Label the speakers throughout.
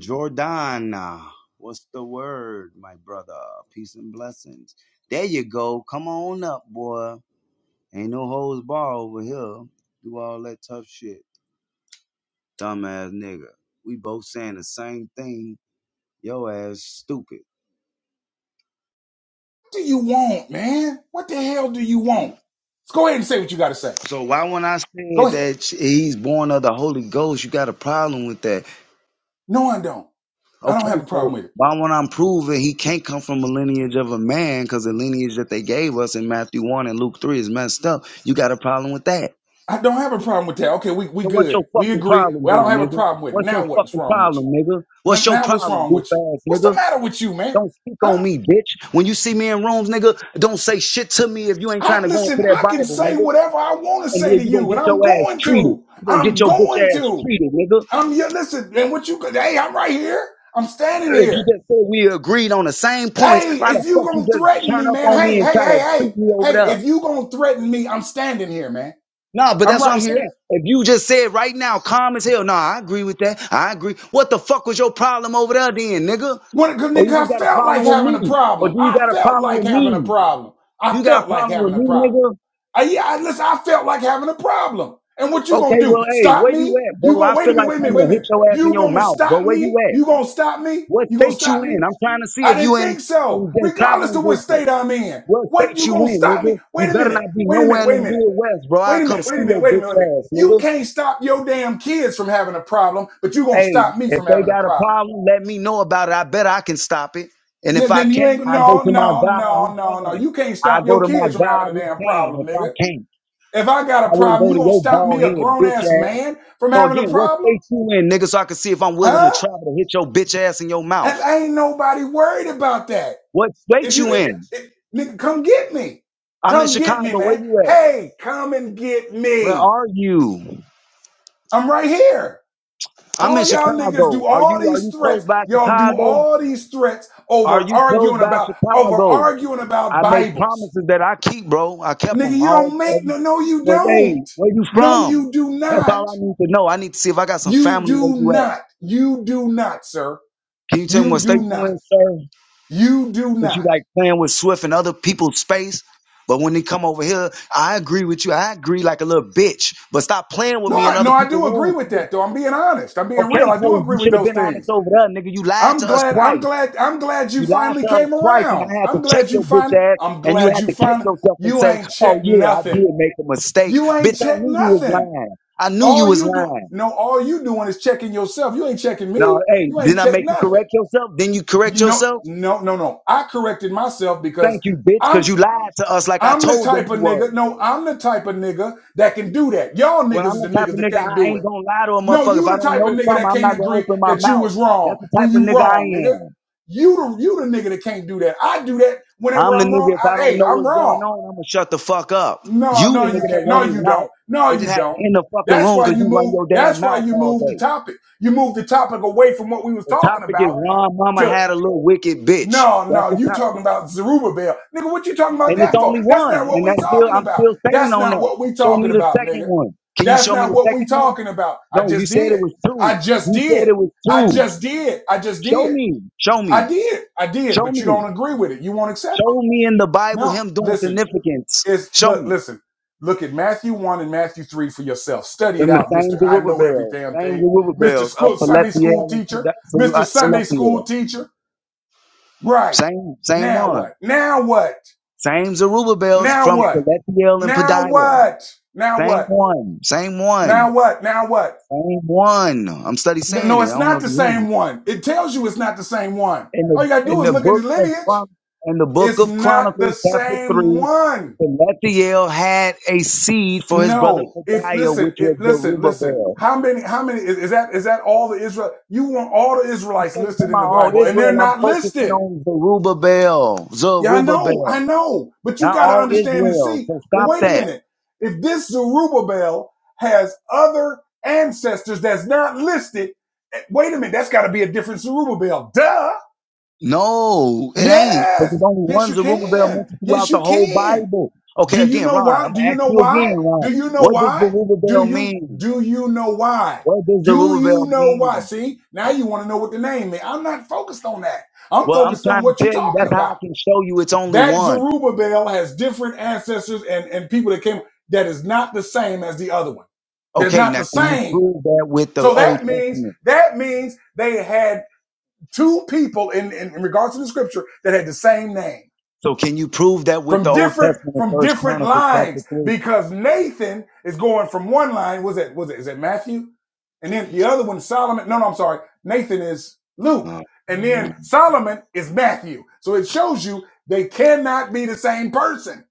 Speaker 1: Jordan, what's the word, my brother? Peace and blessings. There you go. Come on up, boy. Ain't no hoes bar over here. Do all that tough shit. Dumbass nigga. We both saying the same thing. Yo ass stupid.
Speaker 2: do you want, man? What the hell do you want? Let's go ahead and say what you got to say.
Speaker 1: So why when I
Speaker 2: Go
Speaker 1: said
Speaker 2: ahead.
Speaker 1: that he's born of the Holy Ghost, you got a problem with that?
Speaker 2: No, I don't. I
Speaker 1: Okay,
Speaker 2: don't have a problem
Speaker 1: so
Speaker 2: with it.
Speaker 1: why when I'm proving he can't come from a lineage of a man because the lineage that they gave us in Matthew 1 and Luke 3 is messed up, you got a problem with that?
Speaker 2: I don't have a problem with that. Okay, we we
Speaker 1: So what's your
Speaker 2: good. We
Speaker 1: fucking
Speaker 2: agree.
Speaker 1: problem
Speaker 2: Well, I don't
Speaker 1: then,
Speaker 2: have a
Speaker 1: nigga?
Speaker 2: problem with it.
Speaker 1: What's your
Speaker 2: Now what's
Speaker 1: fucking
Speaker 2: wrong with you?
Speaker 1: problem, nigga? What's
Speaker 2: Well,
Speaker 1: your
Speaker 2: now what's
Speaker 1: problem,
Speaker 2: wrong
Speaker 1: goof
Speaker 2: with you?
Speaker 1: ass
Speaker 2: What's the
Speaker 1: nigga?
Speaker 2: matter with you, man?
Speaker 1: Don't speak on
Speaker 2: Huh?
Speaker 1: me, bitch. When you see me in rooms, nigga, don't say shit to me if you ain't trying
Speaker 2: I
Speaker 1: to go into
Speaker 2: listen.
Speaker 1: that
Speaker 2: I can
Speaker 1: Bible,
Speaker 2: say
Speaker 1: nigga.
Speaker 2: whatever I want to
Speaker 1: And
Speaker 2: say
Speaker 1: then
Speaker 2: to
Speaker 1: you gonna
Speaker 2: you, and
Speaker 1: get your
Speaker 2: I'm
Speaker 1: ass
Speaker 2: going
Speaker 1: treated.
Speaker 2: to.
Speaker 1: You gonna get
Speaker 2: I'm
Speaker 1: your bitch
Speaker 2: going
Speaker 1: ass
Speaker 2: to.
Speaker 1: treated, nigga.
Speaker 2: I'm yeah. Listen, and what you could? Hey, I'm right here. I'm standing
Speaker 1: If
Speaker 2: here.
Speaker 1: you just said we agreed on the same points,
Speaker 2: Hey,
Speaker 1: why the
Speaker 2: if you
Speaker 1: fuck you
Speaker 2: gonna
Speaker 1: just
Speaker 2: threaten
Speaker 1: turn
Speaker 2: me,
Speaker 1: up
Speaker 2: man,
Speaker 1: on me
Speaker 2: hey,
Speaker 1: and
Speaker 2: hey,
Speaker 1: try to
Speaker 2: hey,
Speaker 1: treat
Speaker 2: hey,
Speaker 1: me over
Speaker 2: hey,
Speaker 1: there?
Speaker 2: if you gonna threaten me, I'm standing here, man.
Speaker 1: Nah, but
Speaker 2: I'm
Speaker 1: that's what
Speaker 2: right
Speaker 1: I'm saying.
Speaker 2: here.
Speaker 1: If you just said right now, calm as hell, nah, I agree with that. I agree. What the fuck was your problem over there then, nigga?
Speaker 2: When it, cause
Speaker 1: Or you
Speaker 2: I
Speaker 1: just got a
Speaker 2: felt like
Speaker 1: problem with
Speaker 2: having a
Speaker 1: me? Or do
Speaker 2: problem.
Speaker 1: you
Speaker 2: I
Speaker 1: got a
Speaker 2: felt
Speaker 1: problem
Speaker 2: like
Speaker 1: with
Speaker 2: having a
Speaker 1: me?
Speaker 2: problem.
Speaker 1: Do
Speaker 2: I
Speaker 1: you got a
Speaker 2: felt like
Speaker 1: problem with
Speaker 2: having a
Speaker 1: me,
Speaker 2: problem.
Speaker 1: nigga?
Speaker 2: I, yeah, I, listen, I felt like having a problem. And what you gonna
Speaker 1: Okay,
Speaker 2: do?
Speaker 1: well, hey,
Speaker 2: Stop
Speaker 1: where you
Speaker 2: me?
Speaker 1: at,
Speaker 2: You
Speaker 1: bro?
Speaker 2: gonna
Speaker 1: I
Speaker 2: wait a
Speaker 1: feel
Speaker 2: minute,
Speaker 1: like
Speaker 2: wait a minute,
Speaker 1: coming
Speaker 2: wait
Speaker 1: to
Speaker 2: a
Speaker 1: hit
Speaker 2: minute.
Speaker 1: your ass in
Speaker 2: You
Speaker 1: your
Speaker 2: gonna
Speaker 1: mouth, bro.
Speaker 2: stop
Speaker 1: Where you
Speaker 2: me?
Speaker 1: at?
Speaker 2: You gonna stop me?
Speaker 1: What
Speaker 2: You gonna
Speaker 1: state you
Speaker 2: stop
Speaker 1: in?
Speaker 2: me?
Speaker 1: I'm trying to see
Speaker 2: I
Speaker 1: if you
Speaker 2: didn't
Speaker 1: in
Speaker 2: think so.
Speaker 1: in, in
Speaker 2: Regardless
Speaker 1: traveling
Speaker 2: of what
Speaker 1: distance.
Speaker 2: state I'm in,
Speaker 1: What
Speaker 2: what
Speaker 1: state
Speaker 2: you
Speaker 1: you
Speaker 2: gonna
Speaker 1: in,
Speaker 2: stop
Speaker 1: nigga?
Speaker 2: me?
Speaker 1: You better not be
Speaker 2: wait a minute, wait a
Speaker 1: nowhere
Speaker 2: minute,
Speaker 1: in the
Speaker 2: wait a minute.
Speaker 1: Midwest, bro. I'll
Speaker 2: Wait a
Speaker 1: come
Speaker 2: minute,
Speaker 1: see
Speaker 2: wait a minute,
Speaker 1: your
Speaker 2: wait a minute,
Speaker 1: bitch
Speaker 2: wait a minute.
Speaker 1: ass,
Speaker 2: You
Speaker 1: nigga.
Speaker 2: can't stop your damn kids from having a problem, but you gonna
Speaker 1: Hey,
Speaker 2: stop me
Speaker 1: if
Speaker 2: from
Speaker 1: they
Speaker 2: having a
Speaker 1: got a
Speaker 2: problem.
Speaker 1: problem, let me know about it. I bet I can stop it. And
Speaker 2: Yeah,
Speaker 1: if I
Speaker 2: then you
Speaker 1: can't,
Speaker 2: ain't
Speaker 1: I go
Speaker 2: no,
Speaker 1: to my
Speaker 2: no,
Speaker 1: God who
Speaker 2: no, no, no.
Speaker 1: can.
Speaker 2: You can't
Speaker 1: I
Speaker 2: stop
Speaker 1: go
Speaker 2: your
Speaker 1: to my
Speaker 2: kids from having
Speaker 1: God
Speaker 2: a
Speaker 1: who
Speaker 2: damn
Speaker 1: can
Speaker 2: problem,
Speaker 1: if I
Speaker 2: nigga.
Speaker 1: can't.
Speaker 2: If I
Speaker 1: I
Speaker 2: got a
Speaker 1: wouldn't
Speaker 2: problem,
Speaker 1: go
Speaker 2: you
Speaker 1: to
Speaker 2: gonna
Speaker 1: your
Speaker 2: stop
Speaker 1: bald
Speaker 2: me, a
Speaker 1: head,
Speaker 2: grown
Speaker 1: bitch
Speaker 2: ass
Speaker 1: ass.
Speaker 2: man, from
Speaker 1: So
Speaker 2: having a
Speaker 1: again, what
Speaker 2: problem?
Speaker 1: state you in, nigga, so I can see if I'm willing to
Speaker 2: Huh?
Speaker 1: travel to hit your bitch ass in your
Speaker 2: And
Speaker 1: mouth.
Speaker 2: ain't nobody worried about that.
Speaker 1: What state
Speaker 2: If you
Speaker 1: you
Speaker 2: if,
Speaker 1: in?
Speaker 2: if- nigga, come get me.
Speaker 1: I'm in
Speaker 2: Come get me,
Speaker 1: Chicago. Where
Speaker 2: man.
Speaker 1: you at?
Speaker 2: Hey, come and get
Speaker 1: Where
Speaker 2: me.
Speaker 1: are you?
Speaker 2: I'm right here.
Speaker 1: I'm in
Speaker 2: All y'all niggas
Speaker 1: Chicago.
Speaker 2: do
Speaker 1: Are
Speaker 2: all
Speaker 1: you are
Speaker 2: these
Speaker 1: you close
Speaker 2: threats.
Speaker 1: by
Speaker 2: Y'all do
Speaker 1: Chicago?
Speaker 2: all these threats
Speaker 1: Are
Speaker 2: over
Speaker 1: you close
Speaker 2: arguing
Speaker 1: by
Speaker 2: about over
Speaker 1: Chicago?
Speaker 2: arguing about
Speaker 1: I make
Speaker 2: Bibles.
Speaker 1: promises that I keep, bro. I kept
Speaker 2: Nigga,
Speaker 1: them
Speaker 2: you
Speaker 1: all.
Speaker 2: don't make
Speaker 1: every-
Speaker 2: no no you
Speaker 1: So hey,
Speaker 2: don't.
Speaker 1: where you
Speaker 2: No
Speaker 1: from?
Speaker 2: you do
Speaker 1: That's
Speaker 2: not.
Speaker 1: all I need to know. I need to see if I got some
Speaker 2: You
Speaker 1: family where
Speaker 2: do
Speaker 1: you at.
Speaker 2: not. You do not, sir.
Speaker 1: Can you tell me what
Speaker 2: You
Speaker 1: state
Speaker 2: do
Speaker 1: you
Speaker 2: not.
Speaker 1: in, sir?
Speaker 2: You do
Speaker 1: Cause you
Speaker 2: not.
Speaker 1: like playing with Swift and other people's space. But when they come over here, I agree with you. I agree like a little bitch. But stop playing with
Speaker 2: No,
Speaker 1: me in
Speaker 2: I,
Speaker 1: other
Speaker 2: no, I
Speaker 1: people's
Speaker 2: do agree
Speaker 1: rooms.
Speaker 2: with
Speaker 1: nigga.
Speaker 2: that though. I'm being honest. I'm being real.
Speaker 1: Okay,
Speaker 2: I do
Speaker 1: so
Speaker 2: agree
Speaker 1: you
Speaker 2: with
Speaker 1: should have
Speaker 2: those
Speaker 1: been honest
Speaker 2: things.
Speaker 1: over there, nigga. You lied
Speaker 2: I'm
Speaker 1: to us
Speaker 2: glad. I'm
Speaker 1: twice.
Speaker 2: glad. I'm glad you
Speaker 1: You lied
Speaker 2: finally
Speaker 1: to us
Speaker 2: came
Speaker 1: twice, and
Speaker 2: around.
Speaker 1: I had to
Speaker 2: I'm
Speaker 1: check
Speaker 2: glad you
Speaker 1: your bitch
Speaker 2: fin.
Speaker 1: ass,
Speaker 2: I'm
Speaker 1: and you
Speaker 2: glad
Speaker 1: had
Speaker 2: you
Speaker 1: to catch
Speaker 2: fin.
Speaker 1: yourself and
Speaker 2: You
Speaker 1: say,
Speaker 2: ain't
Speaker 1: "Oh
Speaker 2: checked
Speaker 1: yeah, I
Speaker 2: nothing.
Speaker 1: did make a mistake,
Speaker 2: You
Speaker 1: bitch.
Speaker 2: ain't
Speaker 1: I
Speaker 2: check
Speaker 1: knew you was
Speaker 2: nothing.
Speaker 1: lying. I knew you
Speaker 2: All
Speaker 1: was
Speaker 2: you do,
Speaker 1: lying."
Speaker 2: no, all you doing is checking yourself. You ain't checking
Speaker 1: No,
Speaker 2: me.
Speaker 1: hey,
Speaker 2: You ain't
Speaker 1: didn't I
Speaker 2: check
Speaker 1: make you
Speaker 2: nothing.
Speaker 1: correct yourself? Then you correct
Speaker 2: You know,
Speaker 1: yourself?
Speaker 2: no, no, no. I corrected myself because
Speaker 1: Thank you, bitch, because
Speaker 2: I'm
Speaker 1: you lied to us like I
Speaker 2: I'm the
Speaker 1: told them
Speaker 2: type
Speaker 1: you
Speaker 2: of
Speaker 1: were.
Speaker 2: nigga. No, I'm the type of nigga that can do that. Y'all
Speaker 1: Well,
Speaker 2: niggas
Speaker 1: I'm
Speaker 2: is the
Speaker 1: the type
Speaker 2: niggas
Speaker 1: of
Speaker 2: that
Speaker 1: nigga
Speaker 2: can't
Speaker 1: I
Speaker 2: do
Speaker 1: ain't
Speaker 2: it.
Speaker 1: gonna lie to a
Speaker 2: No,
Speaker 1: motherfucker. If
Speaker 2: you
Speaker 1: I
Speaker 2: the
Speaker 1: don't
Speaker 2: type of
Speaker 1: know
Speaker 2: nigga
Speaker 1: something,
Speaker 2: that
Speaker 1: I'm
Speaker 2: can't
Speaker 1: not gonna
Speaker 2: agree
Speaker 1: open my
Speaker 2: that you
Speaker 1: mouth.
Speaker 2: was wrong
Speaker 1: That's the type
Speaker 2: when
Speaker 1: of
Speaker 2: you
Speaker 1: nigga I
Speaker 2: wrong, nigga.
Speaker 1: am.
Speaker 2: You the you the nigga that can't do that. I do that
Speaker 1: I'm
Speaker 2: whenever
Speaker 1: the
Speaker 2: I'm
Speaker 1: nigga
Speaker 2: wrong.
Speaker 1: if I
Speaker 2: I,
Speaker 1: don't
Speaker 2: hey,
Speaker 1: know
Speaker 2: I'm
Speaker 1: what's going
Speaker 2: wrong.
Speaker 1: on, I'm gonna shut the fuck up.
Speaker 2: No,
Speaker 1: You the
Speaker 2: no, you
Speaker 1: nigga that
Speaker 2: can't.
Speaker 1: run
Speaker 2: No,
Speaker 1: his
Speaker 2: you don't.
Speaker 1: mouth.
Speaker 2: No,
Speaker 1: They just
Speaker 2: you
Speaker 1: have to
Speaker 2: don't.
Speaker 1: in the fucking
Speaker 2: That's
Speaker 1: room
Speaker 2: why
Speaker 1: because
Speaker 2: you
Speaker 1: you run
Speaker 2: move.
Speaker 1: your damn
Speaker 2: That's why
Speaker 1: mouth
Speaker 2: you
Speaker 1: all
Speaker 2: move the
Speaker 1: day.
Speaker 2: topic. You move the topic away from what we was
Speaker 1: The
Speaker 2: talking
Speaker 1: topic is
Speaker 2: about
Speaker 1: Ron Mama
Speaker 2: to
Speaker 1: had a little wicked bitch.
Speaker 2: no,
Speaker 1: That's
Speaker 2: no.
Speaker 1: the
Speaker 2: You talking
Speaker 1: topic.
Speaker 2: about Zerubbabel, nigga? What you talking about
Speaker 1: And it's
Speaker 2: that for?
Speaker 1: only
Speaker 2: That's
Speaker 1: one.
Speaker 2: not what
Speaker 1: And
Speaker 2: we
Speaker 1: that's still
Speaker 2: talking
Speaker 1: I'm
Speaker 2: about.
Speaker 1: still standing
Speaker 2: That's
Speaker 1: on
Speaker 2: not
Speaker 1: that.
Speaker 2: what we
Speaker 1: Show me
Speaker 2: talking
Speaker 1: the
Speaker 2: about,
Speaker 1: second
Speaker 2: nigga.
Speaker 1: one. Can you
Speaker 2: That's
Speaker 1: show me
Speaker 2: not
Speaker 1: the
Speaker 2: what we
Speaker 1: second one?
Speaker 2: talking about. I
Speaker 1: No, you
Speaker 2: just
Speaker 1: said
Speaker 2: did.
Speaker 1: it was two.
Speaker 2: I just
Speaker 1: You said
Speaker 2: did.
Speaker 1: it was
Speaker 2: I
Speaker 1: two.
Speaker 2: just did. I just
Speaker 1: Show
Speaker 2: did.
Speaker 1: me. Show me.
Speaker 2: I did. I did.
Speaker 1: Show
Speaker 2: But you
Speaker 1: me.
Speaker 2: don't agree with it. You won't accept
Speaker 1: Show
Speaker 2: it.
Speaker 1: me in the Bible
Speaker 2: No,
Speaker 1: him doing
Speaker 2: listen.
Speaker 1: significance.
Speaker 2: It's
Speaker 1: Show
Speaker 2: look,
Speaker 1: me.
Speaker 2: listen, look at Matthew one and Matthew three for yourself. Study it
Speaker 1: Then the
Speaker 2: out,
Speaker 1: same
Speaker 2: Mister. I know every
Speaker 1: Zerubbabel,
Speaker 2: damn
Speaker 1: same
Speaker 2: thing, Mister
Speaker 1: Zerubbabel of
Speaker 2: school, Sunday school
Speaker 1: Palethiel
Speaker 2: teacher,
Speaker 1: and
Speaker 2: Mister Sunday
Speaker 1: Selethiel.
Speaker 2: school teacher. Right
Speaker 1: Same, same
Speaker 2: now,
Speaker 1: one.
Speaker 2: what? Now what?
Speaker 1: Same Zerubbabels
Speaker 2: Now
Speaker 1: from
Speaker 2: what?
Speaker 1: Palethiel and
Speaker 2: Now
Speaker 1: Padiah.
Speaker 2: what? Now
Speaker 1: Same
Speaker 2: what?
Speaker 1: one. Same
Speaker 2: Now
Speaker 1: one.
Speaker 2: what? Now what?
Speaker 1: Same one. I'm study
Speaker 2: No,
Speaker 1: saying
Speaker 2: no,
Speaker 1: it. I
Speaker 2: it's
Speaker 1: don't know
Speaker 2: not
Speaker 1: if
Speaker 2: the
Speaker 1: you hear me.
Speaker 2: same one. It tells you it's not the same one.
Speaker 1: In
Speaker 2: All
Speaker 1: the
Speaker 2: you gotta
Speaker 1: in
Speaker 2: do is
Speaker 1: the
Speaker 2: look at the
Speaker 1: book of
Speaker 2: lineage.
Speaker 1: Chron- in the book
Speaker 2: It's
Speaker 1: of
Speaker 2: not the
Speaker 1: Chronicles, chapter
Speaker 2: same
Speaker 1: three,
Speaker 2: one.
Speaker 1: Palethiel had a seed for his brother
Speaker 2: No, if
Speaker 1: Padiah,
Speaker 2: listen,
Speaker 1: which was
Speaker 2: if listen, listen.
Speaker 1: Zerubbabel.
Speaker 2: How many? How many is, is that? Is that all the Israel? You want all the Israelites
Speaker 1: say to
Speaker 2: listed
Speaker 1: my
Speaker 2: in the
Speaker 1: all
Speaker 2: Bible, and they're
Speaker 1: Israel, I'm
Speaker 2: not
Speaker 1: focusing
Speaker 2: listed.
Speaker 1: on Zerubbabel,
Speaker 2: Yeah, I know, I
Speaker 1: Zerubbabel,
Speaker 2: know. But you
Speaker 1: not
Speaker 2: got to
Speaker 1: all
Speaker 2: understand and
Speaker 1: Israel.
Speaker 2: see.
Speaker 1: So
Speaker 2: Well,
Speaker 1: stop
Speaker 2: wait a
Speaker 1: that.
Speaker 2: minute. If this Zerubbabel has other ancestors that's not listed, eh, wait a minute. That's got to be a different Zerubbabel. Duh.
Speaker 1: No, it ain't. Because
Speaker 2: Yes.
Speaker 1: there's only
Speaker 2: Yes,
Speaker 1: one
Speaker 2: you
Speaker 1: Zerubbabel
Speaker 2: can.
Speaker 1: mentioned throughout
Speaker 2: Yes,
Speaker 1: the
Speaker 2: you
Speaker 1: whole
Speaker 2: can.
Speaker 1: Bible. Okay,
Speaker 2: Do you
Speaker 1: again,
Speaker 2: know
Speaker 1: Ron,
Speaker 2: why?
Speaker 1: I'm
Speaker 2: Do
Speaker 1: gonna
Speaker 2: you
Speaker 1: ask
Speaker 2: know
Speaker 1: you
Speaker 2: why?
Speaker 1: again, Ron.
Speaker 2: Do you know
Speaker 1: What does
Speaker 2: why? Do
Speaker 1: Zerubbabel
Speaker 2: you
Speaker 1: mean?
Speaker 2: do you know why?
Speaker 1: What does
Speaker 2: Do you
Speaker 1: Zerubbabel
Speaker 2: know why?
Speaker 1: mean?
Speaker 2: See, now you want to know what the name is. I'm not focused on that. I'm
Speaker 1: Well, I'm
Speaker 2: focused on
Speaker 1: trying to
Speaker 2: what you're
Speaker 1: tell you,
Speaker 2: talking
Speaker 1: that's how I
Speaker 2: about.
Speaker 1: can show you it's only
Speaker 2: That
Speaker 1: one.
Speaker 2: Zerubbabel has different ancestors and, and people that came that is not the same as the other one. They're
Speaker 1: Okay,
Speaker 2: not
Speaker 1: now
Speaker 2: the
Speaker 1: can you
Speaker 2: same.
Speaker 1: prove that with the
Speaker 2: So
Speaker 1: Old
Speaker 2: that means
Speaker 1: Testament?
Speaker 2: that means they had two people in, in, in regards to the scripture that had the same name
Speaker 1: So can you prove that with the
Speaker 2: from
Speaker 1: Old
Speaker 2: different
Speaker 1: Testament,
Speaker 2: from
Speaker 1: First
Speaker 2: different
Speaker 1: Chronicles chapter
Speaker 2: lines
Speaker 1: three?
Speaker 2: because Nathan is going from one line. Was it was it is it Matthew? And then the other one Solomon. No, no, I'm sorry. Nathan is Luke,
Speaker 1: Oh,
Speaker 2: and
Speaker 1: man.
Speaker 2: then Solomon is Matthew. So it shows you they cannot be the same person.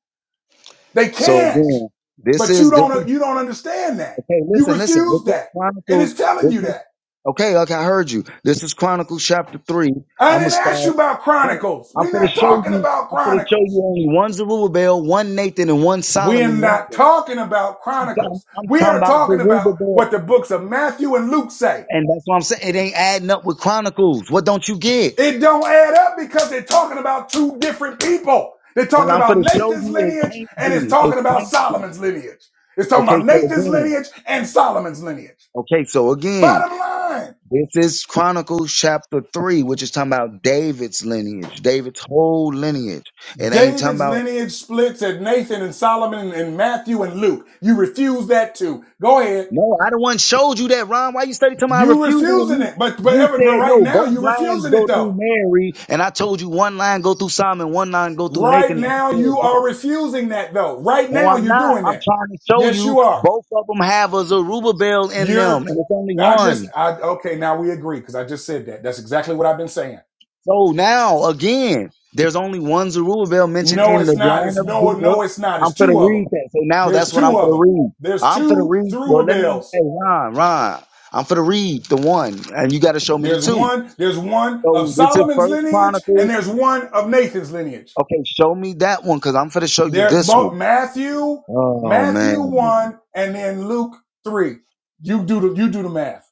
Speaker 2: They
Speaker 1: So
Speaker 2: can't.
Speaker 1: again, this
Speaker 2: But you
Speaker 1: is this is
Speaker 2: don't you don't understand that.
Speaker 1: okay.
Speaker 2: You
Speaker 1: Listen, listen. This
Speaker 2: refuse
Speaker 1: is
Speaker 2: that, and
Speaker 1: Chronicles.
Speaker 2: it's telling
Speaker 1: This
Speaker 2: you
Speaker 1: is
Speaker 2: that.
Speaker 1: okay. Okay, I heard you. This is Chronicles chapter three.
Speaker 2: I
Speaker 1: I'm gonna
Speaker 2: didn't ask
Speaker 1: start.
Speaker 2: you about
Speaker 1: no,
Speaker 2: Chronicles.
Speaker 1: I'm
Speaker 2: We're
Speaker 1: gonna
Speaker 2: not
Speaker 1: show
Speaker 2: talking
Speaker 1: you.
Speaker 2: about
Speaker 1: I'm gonna show
Speaker 2: Chronicles.
Speaker 1: you only one Zerubbabel, one Nathan, and one
Speaker 2: We're
Speaker 1: Solomon.
Speaker 2: not
Speaker 1: mentioned.
Speaker 2: talking about
Speaker 1: I'm, talking-
Speaker 2: Chronicles.
Speaker 1: I'm
Speaker 2: We
Speaker 1: talking
Speaker 2: are
Speaker 1: about
Speaker 2: talking about
Speaker 1: Zerubbabel,
Speaker 2: what the books of Matthew and Luke say.
Speaker 1: and that's what I'm saying. It ain't adding up with Chronicles. What don't you get?
Speaker 2: It don't add up because they're talking about two different people. They're
Speaker 1: Well,
Speaker 2: talking
Speaker 1: I'm
Speaker 2: about
Speaker 1: gonna show
Speaker 2: Nathan's
Speaker 1: you. It
Speaker 2: lineage
Speaker 1: can't
Speaker 2: and it's
Speaker 1: be. It
Speaker 2: talking about
Speaker 1: can't be.
Speaker 2: Solomon's lineage. It's talking
Speaker 1: Okay,
Speaker 2: about
Speaker 1: so
Speaker 2: Nathan's
Speaker 1: again.
Speaker 2: lineage and Solomon's lineage.
Speaker 1: Okay, so again.
Speaker 2: Bottom line,
Speaker 1: This is Chronicles chapter 3, which is talking about David's lineage, David's whole lineage. It ain't talking
Speaker 2: David's
Speaker 1: about,
Speaker 2: lineage splits at Nathan and Solomon and Matthew and Luke. You refuse that too. Go ahead.
Speaker 1: no, I the one showed you that, Ron. Why you study talking about I
Speaker 2: You
Speaker 1: refuse it when
Speaker 2: refusing
Speaker 1: you,
Speaker 2: it, but but
Speaker 1: you
Speaker 2: but
Speaker 1: said,
Speaker 2: right
Speaker 1: no,
Speaker 2: now
Speaker 1: both
Speaker 2: you
Speaker 1: lines
Speaker 2: refusing it
Speaker 1: go
Speaker 2: though.
Speaker 1: through Mary. And I told you one line go through Simon, one line go through
Speaker 2: Right
Speaker 1: Nathan. And you
Speaker 2: now,
Speaker 1: said,
Speaker 2: you
Speaker 1: no.
Speaker 2: are refusing that though. Right
Speaker 1: No,
Speaker 2: now,
Speaker 1: I'm
Speaker 2: you're
Speaker 1: not.
Speaker 2: doing
Speaker 1: I'm
Speaker 2: that.
Speaker 1: trying to show
Speaker 2: Yes,
Speaker 1: you
Speaker 2: you are.
Speaker 1: both of them have a Zerubbabel in them,
Speaker 2: You're.
Speaker 1: and it's only
Speaker 2: I
Speaker 1: one.
Speaker 2: just. I okay. Now we agree because I just said that. That's exactly what I've been saying.
Speaker 1: So now again, there's only one Zerubbabel mentioned
Speaker 2: No,
Speaker 1: in the
Speaker 2: it's not.
Speaker 1: line
Speaker 2: It's
Speaker 1: of
Speaker 2: no.
Speaker 1: Judah.
Speaker 2: No, it's not.
Speaker 1: I'm
Speaker 2: It's
Speaker 1: for to
Speaker 2: two of them.
Speaker 1: read that. So now
Speaker 2: There's
Speaker 1: that's what I'm
Speaker 2: two
Speaker 1: for
Speaker 2: of
Speaker 1: to
Speaker 2: them.
Speaker 1: read.
Speaker 2: There's
Speaker 1: I'm for to
Speaker 2: two
Speaker 1: read. Well, let me
Speaker 2: Zerubbabels.
Speaker 1: say, Ron, Ron. I'm for to read the one, and you got to show me the
Speaker 2: There's
Speaker 1: two.
Speaker 2: one. There's one of
Speaker 1: So this is
Speaker 2: Solomon's
Speaker 1: First
Speaker 2: lineage, and
Speaker 1: Chronicles.
Speaker 2: there's one of Nathan's lineage.
Speaker 1: Okay, show me that one, cause I'm for to show you
Speaker 2: There,
Speaker 1: this one.
Speaker 2: Matthew,
Speaker 1: Oh
Speaker 2: Matthew
Speaker 1: man,
Speaker 2: one, and then Luke three. You do the you do the math.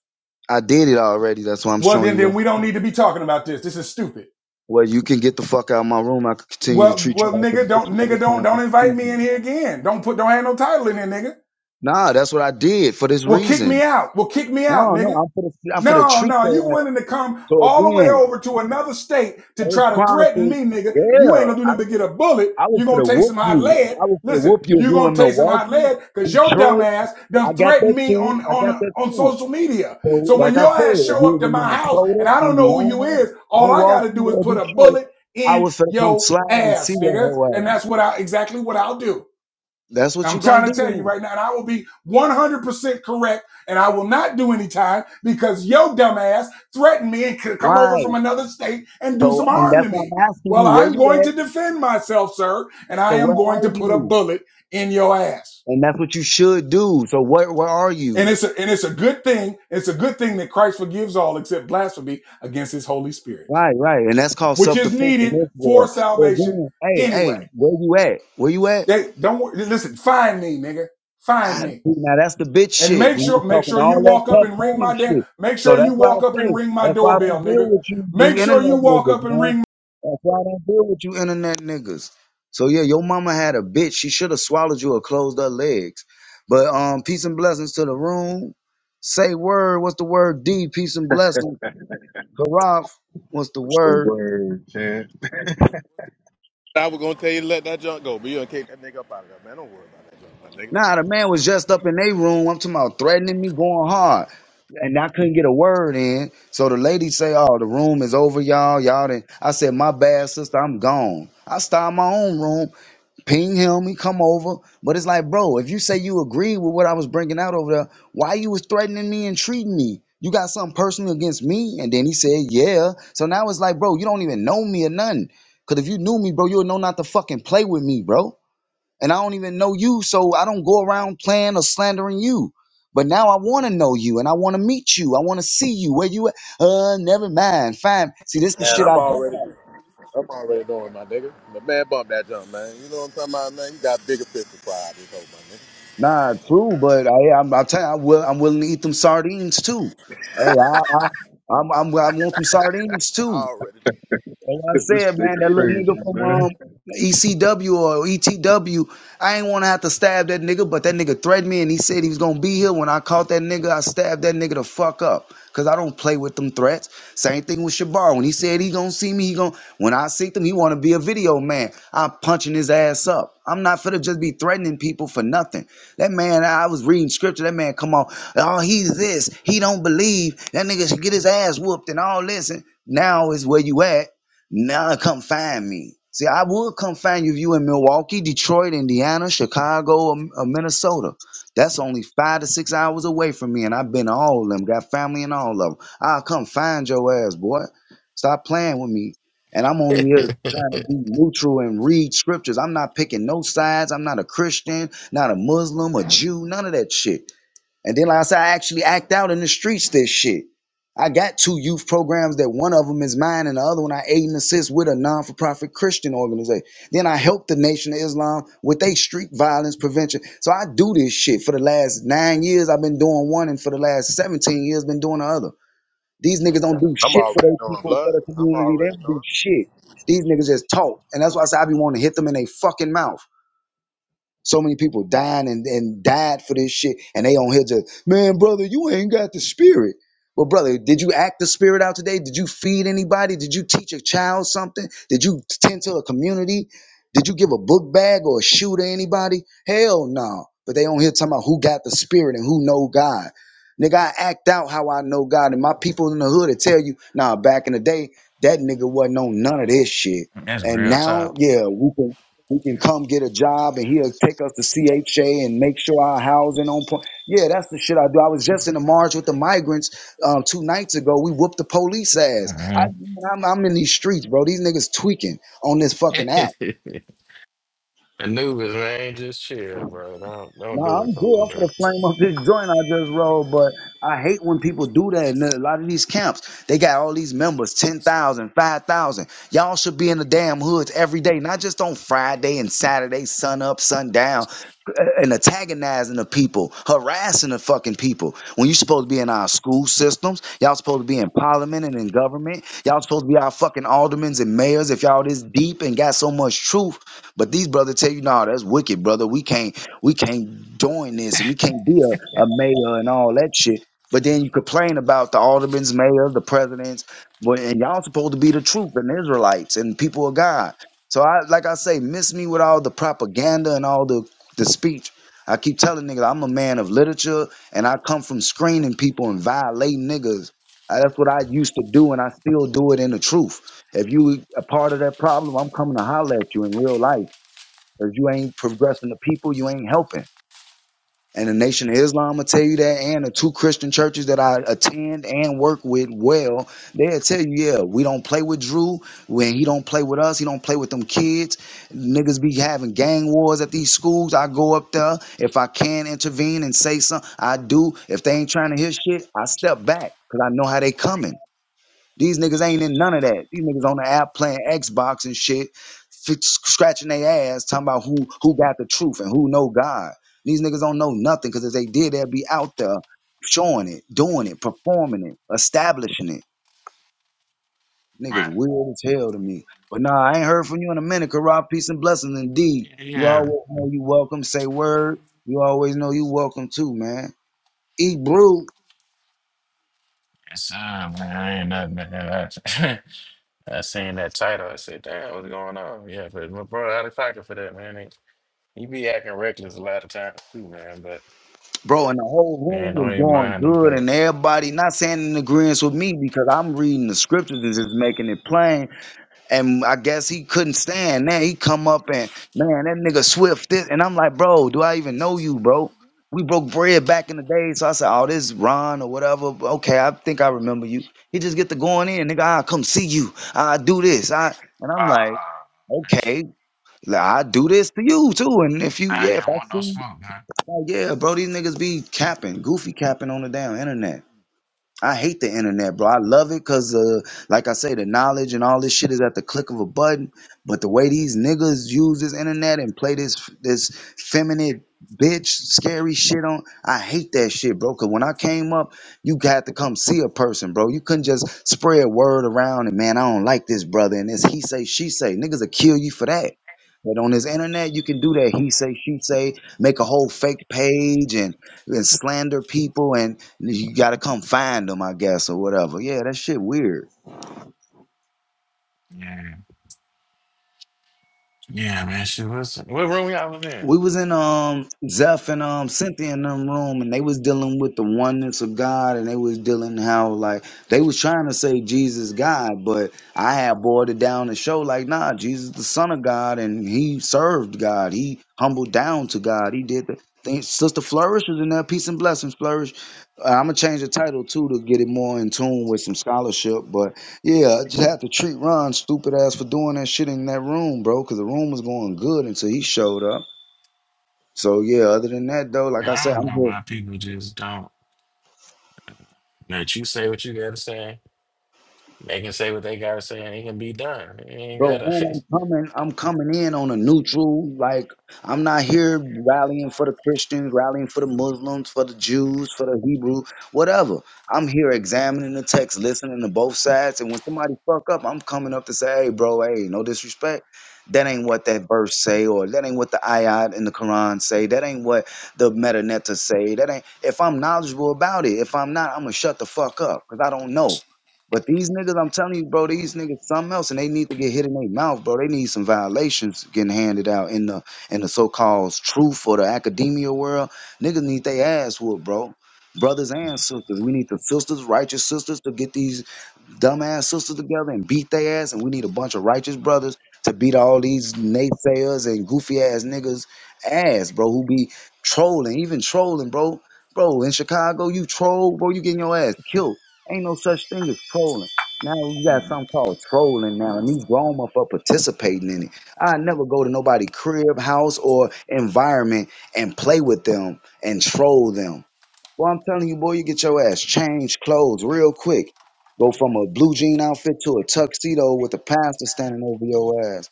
Speaker 1: I did it already. That's why I'm
Speaker 2: Well,
Speaker 1: showing
Speaker 2: then,
Speaker 1: you what
Speaker 2: then
Speaker 1: I'm
Speaker 2: we don't
Speaker 1: saying.
Speaker 2: need to be talking about this. This is stupid.
Speaker 1: Well, you can get the fuck out of my room. I can continue to
Speaker 2: Well,
Speaker 1: treat you
Speaker 2: well,
Speaker 1: like a
Speaker 2: nigga,
Speaker 1: bitch
Speaker 2: don't,
Speaker 1: every
Speaker 2: nigga, don't,
Speaker 1: time I
Speaker 2: don't
Speaker 1: see
Speaker 2: invite me
Speaker 1: you.
Speaker 2: in here again. Don't put, don't have no title in there, nigga.
Speaker 1: Nah, that's what I did for this
Speaker 2: Well, kick
Speaker 1: reason.
Speaker 2: me out. Well, kick me out,
Speaker 1: No, no,
Speaker 2: nigga.
Speaker 1: I'm for the I'm for the
Speaker 2: No,
Speaker 1: treat
Speaker 2: no,
Speaker 1: your
Speaker 2: you
Speaker 1: ass.
Speaker 2: willing to come
Speaker 1: So
Speaker 2: all the way
Speaker 1: again,
Speaker 2: over to another state to
Speaker 1: First
Speaker 2: try to threaten
Speaker 1: Chronicles,
Speaker 2: me, nigga, and you
Speaker 1: yeah,
Speaker 2: ain't gonna do
Speaker 1: I
Speaker 2: nothing but get a bullet.
Speaker 1: I was
Speaker 2: You
Speaker 1: for
Speaker 2: gonna
Speaker 1: the
Speaker 2: take
Speaker 1: whoop
Speaker 2: some hot
Speaker 1: you.
Speaker 2: lead.
Speaker 1: I was for the
Speaker 2: Listen,
Speaker 1: whoop you if
Speaker 2: you
Speaker 1: you're
Speaker 2: gonna
Speaker 1: in
Speaker 2: take some hot
Speaker 1: Milwaukee,
Speaker 2: lead because your dumb
Speaker 1: Detroit.
Speaker 2: ass
Speaker 1: I
Speaker 2: done
Speaker 1: got
Speaker 2: threatened
Speaker 1: that
Speaker 2: me
Speaker 1: too.
Speaker 2: on
Speaker 1: I got
Speaker 2: on
Speaker 1: that
Speaker 2: on
Speaker 1: too.
Speaker 2: social media.
Speaker 1: So
Speaker 2: So when
Speaker 1: like I
Speaker 2: your
Speaker 1: said,
Speaker 2: ass
Speaker 1: if
Speaker 2: show up
Speaker 1: you was
Speaker 2: to
Speaker 1: in
Speaker 2: my house and
Speaker 1: Minnesota,
Speaker 2: I don't know who you
Speaker 1: Indiana,
Speaker 2: is, all I gotta
Speaker 1: Milwaukee,
Speaker 2: do is
Speaker 1: or
Speaker 2: put a
Speaker 1: Detroit,
Speaker 2: bullet
Speaker 1: I
Speaker 2: in
Speaker 1: was for to come
Speaker 2: your
Speaker 1: slide and see
Speaker 2: ass,
Speaker 1: your
Speaker 2: nigga, and
Speaker 1: whole ass.
Speaker 2: that's what I exactly what I'll do.
Speaker 1: That's what
Speaker 2: I'm
Speaker 1: you gonna
Speaker 2: trying
Speaker 1: do
Speaker 2: to tell you
Speaker 1: then.
Speaker 2: right now, and I will be 100% correct, and I will not do any time because your dumbass threatened me and could come over
Speaker 1: Right.
Speaker 2: from another state and do
Speaker 1: So
Speaker 2: some
Speaker 1: and
Speaker 2: harm
Speaker 1: that's
Speaker 2: to
Speaker 1: why
Speaker 2: me.
Speaker 1: I'm asking
Speaker 2: Well,
Speaker 1: you where
Speaker 2: I'm
Speaker 1: you
Speaker 2: going to
Speaker 1: at.
Speaker 2: defend myself, sir, and I
Speaker 1: So
Speaker 2: am
Speaker 1: where
Speaker 2: going
Speaker 1: are
Speaker 2: to put a
Speaker 1: you?
Speaker 2: bullet in your ass.
Speaker 1: And that's what you should do. So where where are you?
Speaker 2: And it's a, and it's a good thing. It's a good thing that Christ forgives all except blasphemy against His Holy Spirit,
Speaker 1: Right, right. And that's called
Speaker 2: which
Speaker 1: self
Speaker 2: is
Speaker 1: defense in
Speaker 2: needed
Speaker 1: this
Speaker 2: for
Speaker 1: world. So
Speaker 2: salvation
Speaker 1: again, hey, hey,
Speaker 2: anyway.
Speaker 1: where you at? Where you at?
Speaker 2: They don't listen. Find me, nigga. Find
Speaker 1: I, see,
Speaker 2: me.
Speaker 1: now that's the bitch
Speaker 2: And
Speaker 1: shit.
Speaker 2: make
Speaker 1: When
Speaker 2: sure,
Speaker 1: you're
Speaker 2: make
Speaker 1: talking
Speaker 2: sure you
Speaker 1: all that
Speaker 2: walk up
Speaker 1: tough
Speaker 2: and ring
Speaker 1: time
Speaker 2: my damn.
Speaker 1: shit.
Speaker 2: Make
Speaker 1: So
Speaker 2: sure
Speaker 1: that's
Speaker 2: you
Speaker 1: why I
Speaker 2: walk up and
Speaker 1: say,
Speaker 2: ring my
Speaker 1: that's why I don't
Speaker 2: doorbell,
Speaker 1: deal
Speaker 2: nigga.
Speaker 1: with you, you
Speaker 2: Make sure you
Speaker 1: internet
Speaker 2: walk
Speaker 1: niggas,
Speaker 2: up and
Speaker 1: man.
Speaker 2: ring
Speaker 1: That's why I don't deal with you internet niggas. So yeah, your mama had a bitch. She should have swallowed you or closed her legs. But um, peace and blessings to the room. Say word. What's the word? D. Peace and blessings. Karaf. What's the
Speaker 3: Stay
Speaker 1: word?
Speaker 3: word, man.
Speaker 4: I was gonna tell you to let that junk go, but you done kicked that nigga up out of there, man. Don't worry about that junk, my nigga.
Speaker 1: Nah, the man was just up in their room. I'm talking about threatening me going hard. And I couldn't get a word in. So the lady say, Oh, the room is over, y'all. Y'all did I said, My bad, sister, I'm gone. I start my own room, ping him, he come over. But it's like, bro, if you say you agree with what I was bringing out over there, why you was threatening me and treating me? You got something personal against me? And then he said, Yeah. So now it's like, bro, you don't even know me or nothing. Cause if you knew me, bro, you would know not to fucking play with me, bro and I don't even know you, so I don't go around playing or slandering you. But now I want to know you, and I want to meet you. I want to see you. Where you at? Uh, never mind. Fine. See, this is the
Speaker 4: Man,
Speaker 1: shit
Speaker 4: I'm
Speaker 1: I don't
Speaker 4: already,
Speaker 1: like.
Speaker 4: I'm already doing my nigga. But man, bump that junk, man. You know what I'm talking about, man. You got bigger fish to fry out this hoe, my nigga.
Speaker 1: Nah, true, but I, I'm, I'll tell you, I will, I'm willing to eat them sardines too. Hey, I, I, I'm, I'm, I want some sardines
Speaker 4: I
Speaker 1: too.
Speaker 4: already,
Speaker 1: That's what I
Speaker 3: this
Speaker 1: said, man,
Speaker 3: nigga
Speaker 1: that little
Speaker 3: crazy,
Speaker 1: nigga from
Speaker 3: man.
Speaker 1: um ECW or ETW, I ain't want to have to stab that nigga, but that nigga threatened me and he said he was gonna be here. When I caught that nigga, I stabbed that nigga the fuck up. Cause I don't play with them threats. Same thing with Shabar. When he said he gonna see me, he gonna when I see him, he wanna be a video man. I'm punching his ass up. I'm not finna just be threatening people for nothing. That man, I I was reading scripture. That man come on, oh he's this, he don't believe. That nigga should get his ass whooped and all this. And now is where you at now come find me. See, I would come find you if you in Milwaukee, Detroit, Indiana, Chicago, or, or Minnesota. That's only five to six hours away from me, and I've been to all of them. Got family in all of them. I'll come find your ass, boy. Stop playing with me. And I'm only here trying to be neutral and read scriptures. I'm not picking no sides. I'm not a Christian, not a Muslim, a Jew, none of that shit. And then, like I said, I actually act out in the streets this shit. I got two youth programs that one of them is mine and the other one I aid and assist with a non for profit Christian organization. Then I help the Nation of Islam with their street violence prevention. So I do this shit for the last nine years. I've been doing one and for the last 17 years been doing the other. These niggas don't do
Speaker 4: I'm
Speaker 1: shit for
Speaker 4: already
Speaker 1: those
Speaker 4: doing
Speaker 1: people, for
Speaker 4: blood.
Speaker 1: the
Speaker 4: I'm
Speaker 1: community. They
Speaker 4: already
Speaker 1: don't
Speaker 4: knowing.
Speaker 1: do shit. These niggas just talk. And that's why I say I be wanting to hit them in their fucking mouth. So many people dying and, and died for this shit, and they on here just, man, brother, you ain't got the spirit. Well, brother, did you act the spirit out today? Did you feed anybody? Did you teach a child something? Did you tend to a community? Did you give a book bag or a shoe to anybody? Hell no. But they on here talking about who got the spirit and who know God. Nigga, I act out how I know God, and my people in the hood that tell you, nah, back in the day, that nigga wasn't on none of this shit.
Speaker 5: That's
Speaker 1: And
Speaker 5: real
Speaker 1: now,
Speaker 5: tough.
Speaker 1: yeah, we can we can come get a job and he'll take us to CHA and make sure our housing on point. Yeah, that's the shit I do. I was just in the march with the migrants um, two nights ago. We whooped the police ass. I,
Speaker 5: Mhm.
Speaker 1: I'm, I'm in these streets, bro. These niggas tweaking on this fucking app.
Speaker 5: Anubis, man, just chill, bro. Don't don't
Speaker 1: No,
Speaker 5: do it
Speaker 1: I'm
Speaker 5: to
Speaker 1: good.
Speaker 5: him,
Speaker 1: I'm
Speaker 5: bro.
Speaker 1: for the flame up this joint I just rolled, but I hate when people do that. And a lot of these camps, they got all these members, ten thousand, five thousand. Y'all should be in the damn hoods every day, not just on Friday and Saturday, sun up, sun down, uh, and antagonizing the people, harassing the fucking people. When you supposed to be in our school systems, y'all supposed to be in parliament and in government. Y'all supposed to be our fucking aldermans and mayors if y'all this deep and got so much truth. But these brothers tell you, nah, that's wicked, brother. We can't. We can't join this and we can't be a, a mayor and all that shit. But then you complain about the aldermen's mayors, the presidents, but and y'all supposed to be the truth and Israelites and people of God. So I like I say, miss me with all the propaganda and all the, the speech. I keep telling niggas I'm a man of literature and I come from screening people and violating niggas. Uh, That's what I used to do and I still do it in the truth. If you a part of that problem, I'm coming to holler at you in real life. If you ain't progressing the people, you ain't helping. And the Nation of Islam will tell you that, and the two Christian churches that I attend and work with well, they'll tell you, yeah, we don't play with Drew. When he don't play with us, he don't play with them kids. Niggas be having gang wars at these schools. I go up there. If I can intervene and say something, I do. If they ain't trying to hear shit, I step back because I know how they coming. These niggas ain't in none of that. These niggas on the app playing Xbox and shit, f- scratching their ass, talking about who who got the truth and who know God. These niggas don't know nothing because if they did, they'd be out there showing it, doing it, performing it, establishing it. Niggas
Speaker 5: Right.
Speaker 1: weird as hell to me. But nah, I ain't heard from you in a minute. Rob, peace and blessings indeed. You
Speaker 5: Yeah.
Speaker 1: always know you welcome. Say word. You always know you welcome too, man. Eat brew.
Speaker 5: It's sir, man. I ain't nothing, man. I, I seen that title. I said, damn, what's going on? Yeah, but my brother out of pocket for that, man. He, he be acting reckless a lot of times, too, man. But,
Speaker 1: Bro, and the whole room
Speaker 5: man, don't
Speaker 1: was
Speaker 5: even
Speaker 1: going
Speaker 5: mind them
Speaker 1: good, and
Speaker 5: cats.
Speaker 1: everybody not saying in agreement with me because I'm reading the scriptures and just making it plain. And I guess he couldn't stand. Man, he come up and man, that nigga Swift this, and I'm like, bro, do I even know you, bro? We broke bread back in the day, so I said, oh, this Ron or whatever. Okay, I think I remember you. He just get to going in, nigga. I come see you. I do this. I and I'm like,
Speaker 5: Ah,
Speaker 1: okay, I do this to you too. And if you,
Speaker 5: I
Speaker 1: yeah, if
Speaker 5: didn't
Speaker 1: I
Speaker 5: want no
Speaker 1: see.
Speaker 5: smoke, man.
Speaker 1: Like, yeah, bro, these niggas be capping, goofy capping on the damn internet. I hate the internet, bro. I love it because, uh, like I say, the knowledge and all this shit is at the click of a button. But the way these niggas use this internet and play this this feminine bitch scary shit on, I hate that shit, bro. Because when I came up, you had to come see a person, bro. You couldn't just spread word around and man, I don't like this brother and this he say she say niggas will kill you for that. But on this internet, you can do that. He say, she say, make a whole fake page and, and slander people. And you gotta come find them, I guess, or whatever. Yeah, that shit weird.
Speaker 5: Yeah. Yeah, man. She was. What room y'all was in?
Speaker 1: we was in um Zeph and um Cynthia in them room and they was dealing with the oneness of God and they was dealing how like they was trying to say Jesus God, but I had boiled it down to show like nah, Jesus the Son of God and he served God. He humbled down to God. He did the thing. Sister Flourish is in there, peace and blessings, Flourish. Uh, I'm gonna change the title too to get it more in tune with some scholarship, but yeah, I just had to treat Ron stupid ass for doing that shit in that room, bro, because the room was going good until he showed up. So yeah, other than that though, like
Speaker 5: Yeah,
Speaker 1: I
Speaker 5: I
Speaker 1: said,
Speaker 5: don't
Speaker 1: I'm
Speaker 5: know
Speaker 1: here,
Speaker 5: why people just don't. Let you say what you gotta say. They can say what they gotta say, and it can be done. It ain't
Speaker 1: bro,
Speaker 5: gotta.
Speaker 1: and I'm coming. I'm coming in on a neutral. Like I'm not here rallying for the Christians, rallying for the Muslims, for the Jews, for the Hebrew, whatever. I'm here examining the text, listening to both sides, and when somebody fuck up, I'm coming up to say, hey, bro, hey, no disrespect. That ain't what that verse say, or that ain't what the ayat in the Quran say. That ain't what the metanetta say. That ain't. If I'm knowledgeable about it, if I'm not, I'm gonna shut the fuck up because I don't know. But these niggas, I'm telling you, bro, these niggas something else, and they need to get hit in their mouth, bro. They need some violations getting handed out in the in the so-called truth or the academia world. Niggas need they ass whooped, bro. Brothers and sisters, we need the sisters, righteous sisters, to get these dumbass sisters together and beat their ass, and we need a bunch of righteous brothers to beat all these naysayers and goofy ass niggas ass, bro, who be trolling, even trolling, bro. Bro, in Chicago, you troll, bro, you getting your ass killed Ain't no such thing as trolling. Now we got something called trolling now, and these grown up are participating in it. I never go to nobody crib, house, or environment and play with them and troll them. Well, I'm telling you, boy, you get your ass change clothes real quick. Go from a blue jean outfit to a tuxedo with a pastor standing over your ass,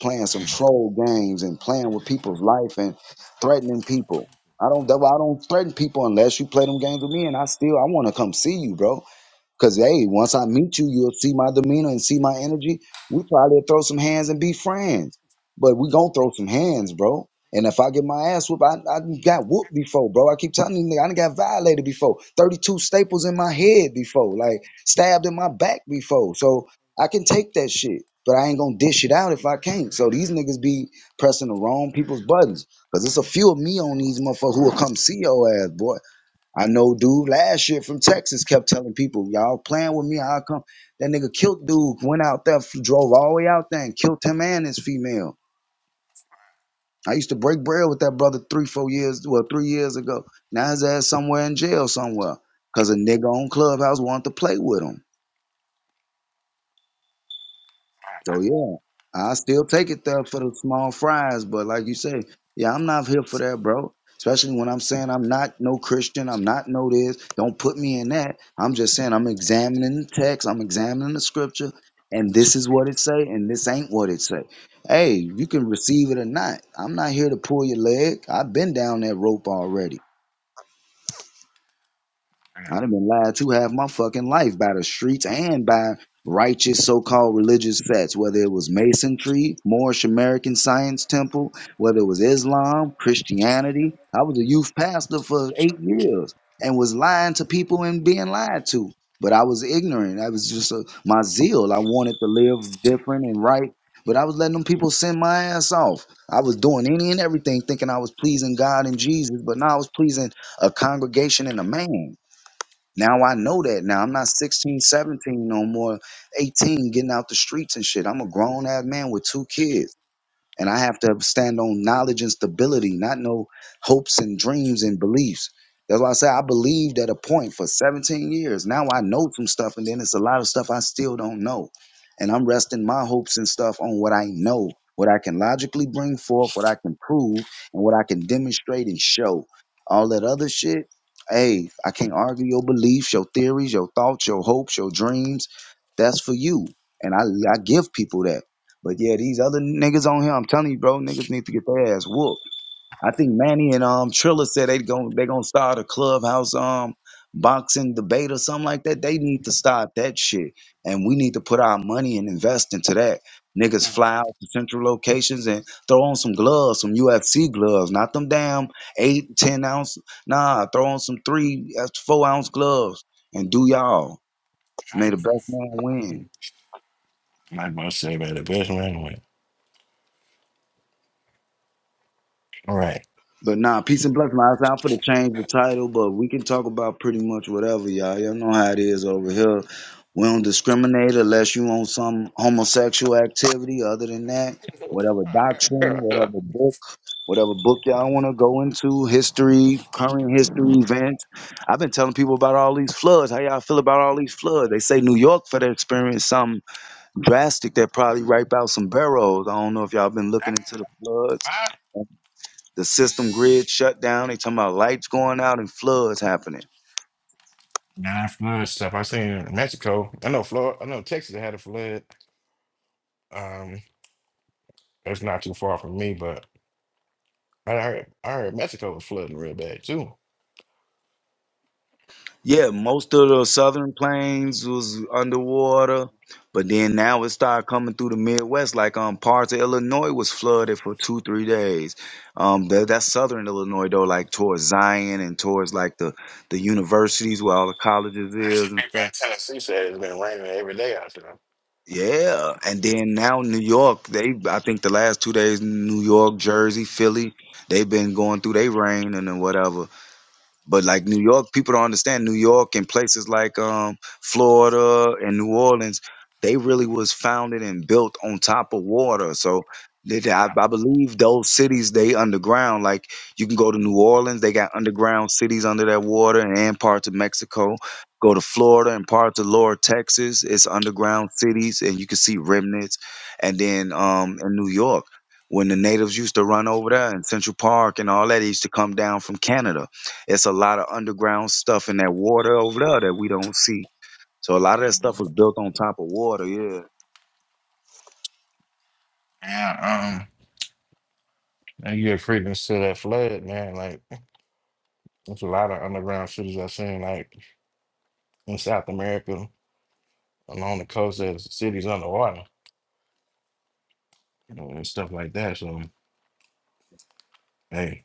Speaker 1: playing some troll games and playing with people's life and threatening people. I don't, I don't threaten people unless you play them games with me, and I still I want to come see you, bro. Cause hey, once I meet you, you'll see my demeanor and see my energy. We probably throw some hands and be friends. But we gonna throw some hands, bro. And if I get my ass whooped, I, I done got whooped before, bro. I keep telling you, nigga, I done got violated before. 32 staples in my head before, like stabbed in my back before. So I can take that shit, but I ain't gonna dish it out if I can't. So these niggas be pressing the wrong people's buttons. Cause it's a few of me on these motherfuckers who will come see your ass, boy. I know dude last year from Texas kept telling people, y'all playing with me, I'll come. That nigga killed dude, went out there, f- drove all the way out there and killed him and his female. I used to break bread with that brother three, four years, well, three years ago. Now his ass somewhere in jail somewhere. Cause a nigga on Clubhouse wanted to play with him. So yeah, I still take it there for the small fries, but like you say, yeah, I'm not here for that, bro. Especially when I'm saying I'm not no Christian, I'm not no this. Don't put me in that. I'm just saying I'm examining the text, I'm examining the scripture, and this is what it say, and this ain't what it say. Hey, you can receive it or not. I'm not here to pull your leg. I've been down that rope already. I done been lied to half my fucking life by the streets and by righteous so-called religious sects, whether it was Masonry, Moorish American Science Temple, whether it was Islam, Christianity. I was a youth pastor for eight years and was lying to people and being lied to. But I was ignorant. I was just a, my zeal. I wanted to live different and right. But I was letting them people send my ass off. I was doing any and everything thinking I was pleasing God and Jesus, but now I was pleasing a congregation and a man. Now I know that. Now I'm not 16, 17, no more, 18, getting out the streets and shit. I'm a grown ass man with two kids. And I have to stand on knowledge and stability, not no hopes and dreams and beliefs. That's why I say I believed at a point for 17 years. Now I know some stuff, and then it's a lot of stuff I still don't know. And I'm resting my hopes and stuff on what I know, what I can logically bring forth, what I can prove, and what I can demonstrate and show. All that other shit, hey, I can't argue your beliefs, your theories, your thoughts, your hopes, your dreams. That's for you. And I, I give people that. But yeah, these other niggas on here, I'm telling you, bro, niggas need to get their ass whooped. I think Manny and um Trilla said they gon' they gonna start a clubhouse um boxing debate or something like that. They need to start that shit, and we need to put our money and invest into that. Niggas
Speaker 5: Yeah.
Speaker 1: fly out to central locations and throw on some gloves, some UFC gloves, not them damn eight, ten ounce. Nah, throw on some three, that's four ounce gloves, and do y'all. May the best man win.
Speaker 5: Like I say, man, the best man win. All right.
Speaker 1: But nah, peace and blessings. man. I'm for to change the title, but we can talk about pretty much whatever, y'all. Y'all know how it is over here. We don't discriminate unless you on some homosexual activity. Other than that, whatever
Speaker 5: Damn.
Speaker 1: doctrine, whatever book, whatever book y'all want to go into, history, current history events. I've been telling people about all these floods. How y'all feel about all these floods? They say New York for to experience something drastic that probably wipe out some barrels. I don't know if y'all been looking into the floods
Speaker 5: What?
Speaker 1: the system grid shut down. They talking about lights going out and floods happening.
Speaker 5: Nah, flood stuff. I seen in Mexico. I know Florida. I know Texas had a flood. Um, it's not too far from me, but I heard I heard Mexico was flooding real bad too.
Speaker 1: Yeah, most of the southern plains was underwater, but then now it started coming through the Midwest. Like um, parts of Illinois was flooded for two, three days. Um, that that's southern Illinois though, like towards Zion and towards like the the universities where all the colleges is
Speaker 5: Some
Speaker 1: and
Speaker 5: people
Speaker 1: stuff.
Speaker 5: in Tennessee said it's been raining every day out there.
Speaker 1: Yeah, and then now New York, they I think the last two days, New York, Jersey, Philly, they've been going through their rain and then whatever. But like New York, people don't understand New York and places like um, Florida and New Orleans, they really was founded and built on top of water. So they, they- I, I believe those cities they underground. Like you can go to New Orleans, they got underground cities under that water and, and parts of Mexico. Go to Florida and parts of lower Texas, it's underground cities and you can see remnants. And then um, in New York, when the natives used to run over there in Central Park and all that, they used to come down from Canada it's a lot of underground stuff in that water over there that we don't see. So a lot of that stuff
Speaker 5: Mhm.
Speaker 1: was built on top of water. Yeah.
Speaker 5: Yeah. Um. And you get credence to that flood, man. Like. There's a lot of underground cities I've seen, like in South America, along the coast, there's cities underwater you know, and stuff like that. So, hey,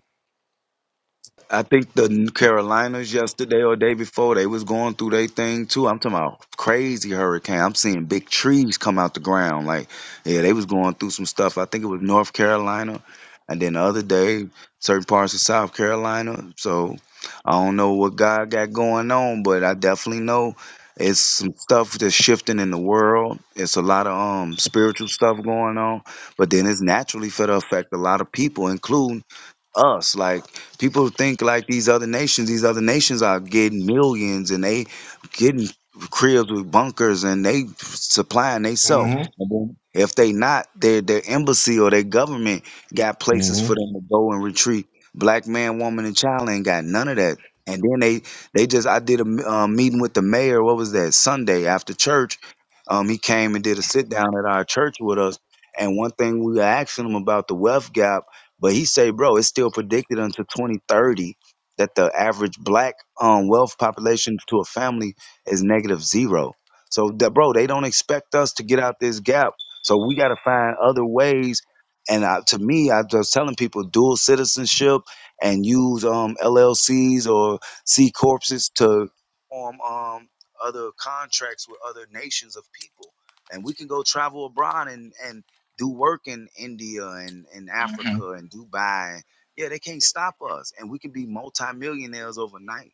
Speaker 1: I think the Carolinas yesterday or day before they was going through their thing too. I'm talking about crazy hurricane. I'm seeing big trees come out the ground. Like yeah, they was going through some stuff. I think it was North Carolina, and then the other day certain parts of South Carolina. So I don't know what God got going on, but I definitely know it's some stuff that's shifting in the world. It's a lot of um spiritual stuff going on, but then it's naturally for to affect a lot of people, including us. Like people think like these other nations, these other nations are getting millions and they getting cribs with bunkers and they supplying themselves.
Speaker 5: mm-hmm,
Speaker 1: If they not, their their embassy or their government got places for
Speaker 5: mm-hmm.
Speaker 1: them to go and retreat. Black man, woman, and child ain't got none of that. And then they they just I did a m- uh, meeting with the mayor. What was that Sunday after church? Um, he came and did a sit down at our church with us. And one thing we were asking him about the wealth gap but he say, bro, it's still predicted until 2030 that the average black um, wealth population to a family is negative zero. So, that, bro, they don't expect us to get out this gap. So we got to find other ways. And I, to me, I was telling people dual citizenship and use um, LLCs or C corpses to form um, other contracts with other nations of people. And we can go travel abroad and and do work in India and, and
Speaker 5: hmm
Speaker 1: Africa and Dubai. Yeah, they can't stop us. And we can be multimillionaires overnight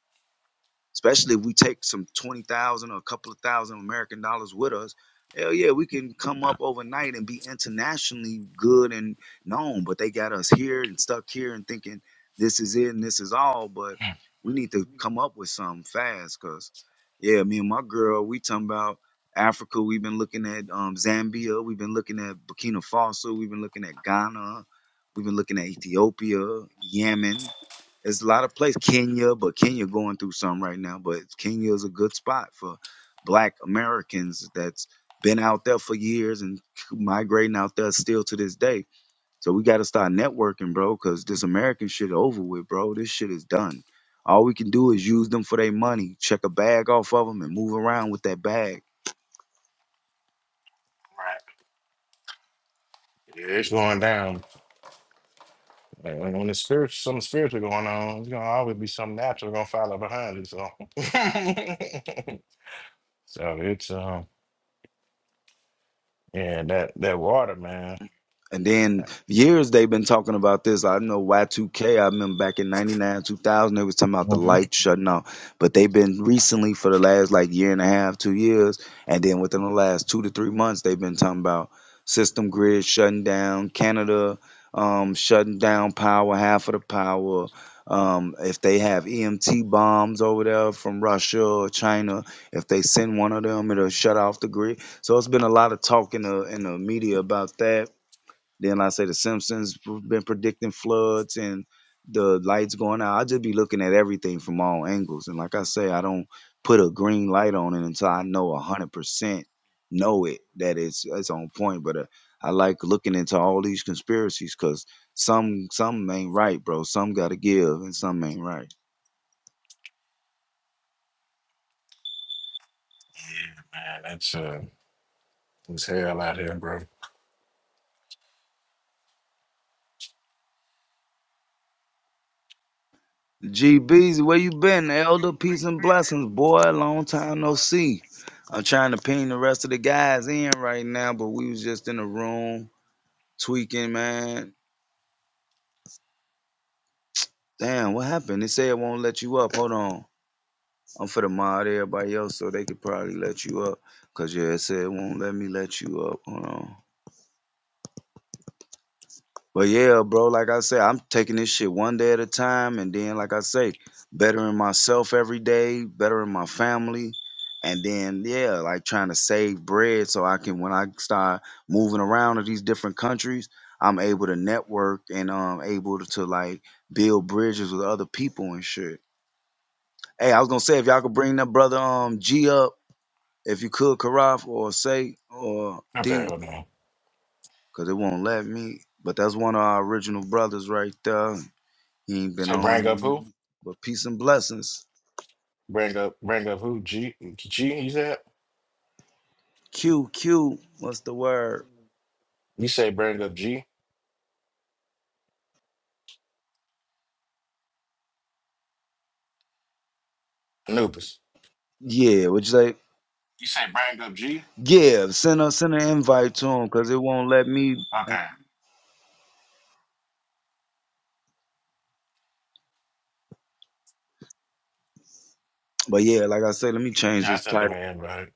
Speaker 1: especially if we take some 20,000 or a couple of thousand American dollars with us. Hell yeah, we can come up overnight and be internationally good and known, but they got us here and stuck here and thinking this is it and this is all. But we need to come up with something fast because, yeah, me and my girl, we talking about Africa. We've been looking at um, Zambia. We've been looking at Burkina Faso. We've been looking at Ghana. We've been looking at Ethiopia, Yemen there's a lot of places. Kenya, but Kenya going through something right now. But Kenya is a good spot for Black Americans that's been out there for years and migrating out there still to this day. So we got to start networking, bro, because this American shit over with, bro. This shit is done. All we can do is use them for their money, check a bag off of them, and move around with that bag.
Speaker 5: Right. Yeah, it's going down. Like, When when the spirit, something spiritual going on, it's gonna always be something natural gonna follow behind it. So, so it's um, yeah, that that water, man.
Speaker 1: And then
Speaker 5: that-
Speaker 1: years they've been talking about this. I know Y2K, I remember back in 99, 2000, they was talking about
Speaker 5: hmm
Speaker 1: the lights shutting off. But they've been recently for the last like year and a half, two years. And then within the last two to three months, they've been talking about system grid shutting down, Canada um, shutting down power, half of the power. Um, if they have EMT bombs over there from Russia or China, if they send one of them, it'll shut off the grid. So it's been a lot of talk in the, in the media about that then I say the Simpsons been predicting floods and the lights going out. I just be looking at everything from all angles. And like I say, I don't put a green light on it until I know a hundred percent know it that it's it's on point. But uh, I like looking into all these conspiracies because some some ain't right, bro. Some got to give and some ain't right.
Speaker 5: Yeah, man, that's uh, it's hell out here, bro.
Speaker 1: G GBs, where you been, Elder? Peace and blessings, boy. Long time no see. I'm trying to ping the rest of the guys in right now, but we was just in a room Tweaking, man. Damn, what happened? They say it won't let you up. Hold on. I'm for the mod everybody else so they could probably let you up. Cause yeah, it said it won't let me let you up. Hold on. But yeah, bro, like I said, I'm taking this shit one day at a time and then like I say, bettering myself every day, bettering my family. And then yeah, like trying to save bread so I can when I start moving around to these different countries, I'm able to network and um able to like build bridges with other people and shit. Hey, I was gonna say if y'all could bring that brother um G up, if you could, Karaf or Say or
Speaker 5: Okay,
Speaker 1: D,
Speaker 5: hold on.
Speaker 1: cause it won't let me. But that's one of our original brothers right there. He ain't been
Speaker 5: Say,
Speaker 1: on
Speaker 5: bring
Speaker 1: in a
Speaker 5: up who?
Speaker 1: minute. But peace and blessings.
Speaker 5: Bring up, bring up who? G, G. You said
Speaker 1: Q Q, what's the word?
Speaker 5: you say bring up G. Anubis.
Speaker 1: Yeah, would you say?
Speaker 5: You say bring up G.
Speaker 1: Yeah, send a send an invite to him, cause it won't let me.
Speaker 5: Okay.
Speaker 1: But yeah, like I said, let me change
Speaker 5: Yeah, I
Speaker 1: this title.
Speaker 5: sent the man, but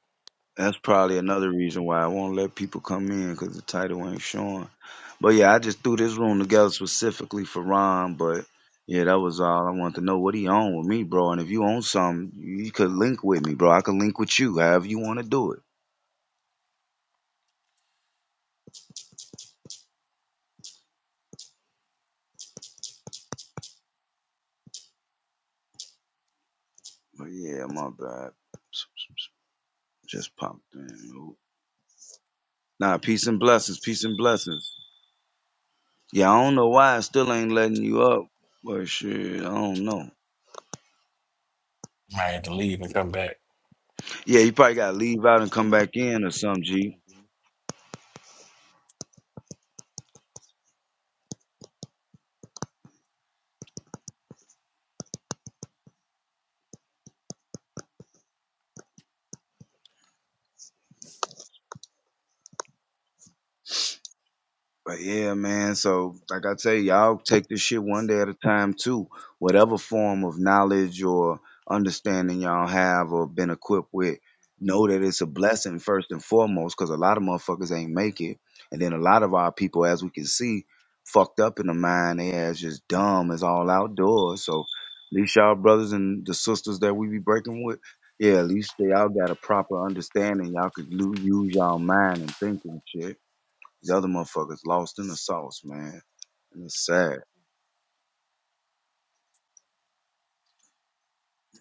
Speaker 1: That's probably another reason why I won't let people come in because the title ain't showing. But yeah, I just threw this room together specifically for Ron. But yeah, that was all I wanted to know. What he on with me, bro? And if you own something, you could link with me, bro. I could link with you, however you want to do it. But yeah, my bad. Just popped in. Nah, peace and blessings, peace and blessings. Yeah, I don't know why I still ain't letting you up, but shit, I don't know.
Speaker 5: Might have to leave and come back.
Speaker 1: Yeah, you probably gotta leave out and come back in or something, G. But yeah, man. So like I tell you, y'all take this shit one day at a time too. Whatever form of knowledge or understanding y'all have or been equipped with, know that it's a blessing first and foremost, because a lot of motherfuckers ain't make it. And then a lot of our people, as we can see, fucked up in the mind, they as just dumb as all outdoors. So at least y'all brothers and the sisters that we be breaking with, yeah, at least y'all got a proper understanding. Y'all could lu- use y'all mind and think and shit. These other motherfuckers lost in the sauce, man. And it's sad.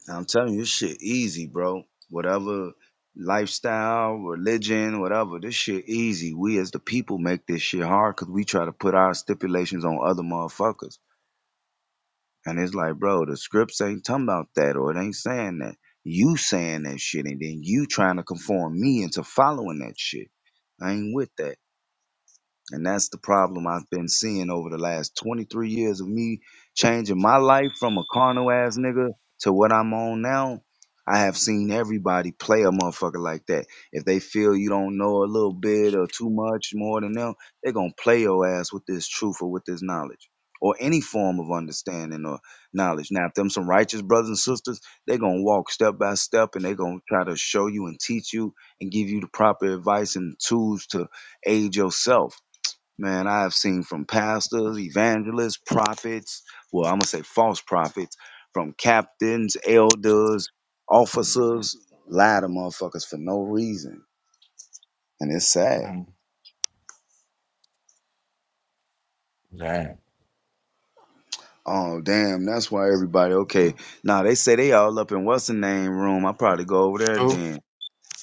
Speaker 1: And I'm telling you, this shit easy, bro. Whatever lifestyle, religion, whatever, this shit easy. We as the people make this shit hard because we try to put our stipulations on other motherfuckers. And it's like, bro, the scripts ain't talking about that or it ain't saying that. You saying that shit and then you trying to conform me into following that shit. I ain't with that. And that's the problem I've been seeing over the last 23 years of me changing my life from a carnal ass nigga to what I'm on now. I have seen everybody play a motherfucker like that. If they feel you don't know a little bit or too much more than them, they're going to play your ass with this truth or with this knowledge or any form of understanding or knowledge. Now, if them some righteous brothers and sisters, they're going to walk step by step and they're going to try to show you and teach you and give you the proper advice and tools to aid yourself Man, I have seen from pastors, evangelists, prophets, well, I'm going to say false prophets, from captains, elders, officers, lie to motherfuckers for no reason. And it's sad.
Speaker 5: Hmm. Damn.
Speaker 1: Oh, damn, that's why everybody, okay. Now, they say they all up in what's the name room. i probably go over there
Speaker 5: Who?
Speaker 1: then.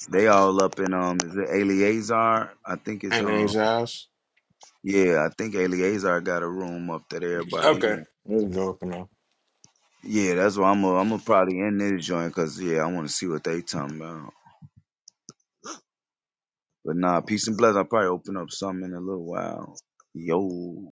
Speaker 1: They all up in, um, is it Eleazar? I think it's,
Speaker 5: And
Speaker 1: um,
Speaker 5: Exiles.
Speaker 1: yeah, I think Eleazar got a room up that everybody
Speaker 5: Okay.
Speaker 1: in.
Speaker 5: Let's go.
Speaker 1: Yeah, that's why I'm i am gonna i gonna probably end this joint because yeah, I want to see what they talking about. But nah, peace and bless. I'll probably open up some in a little while. Yo.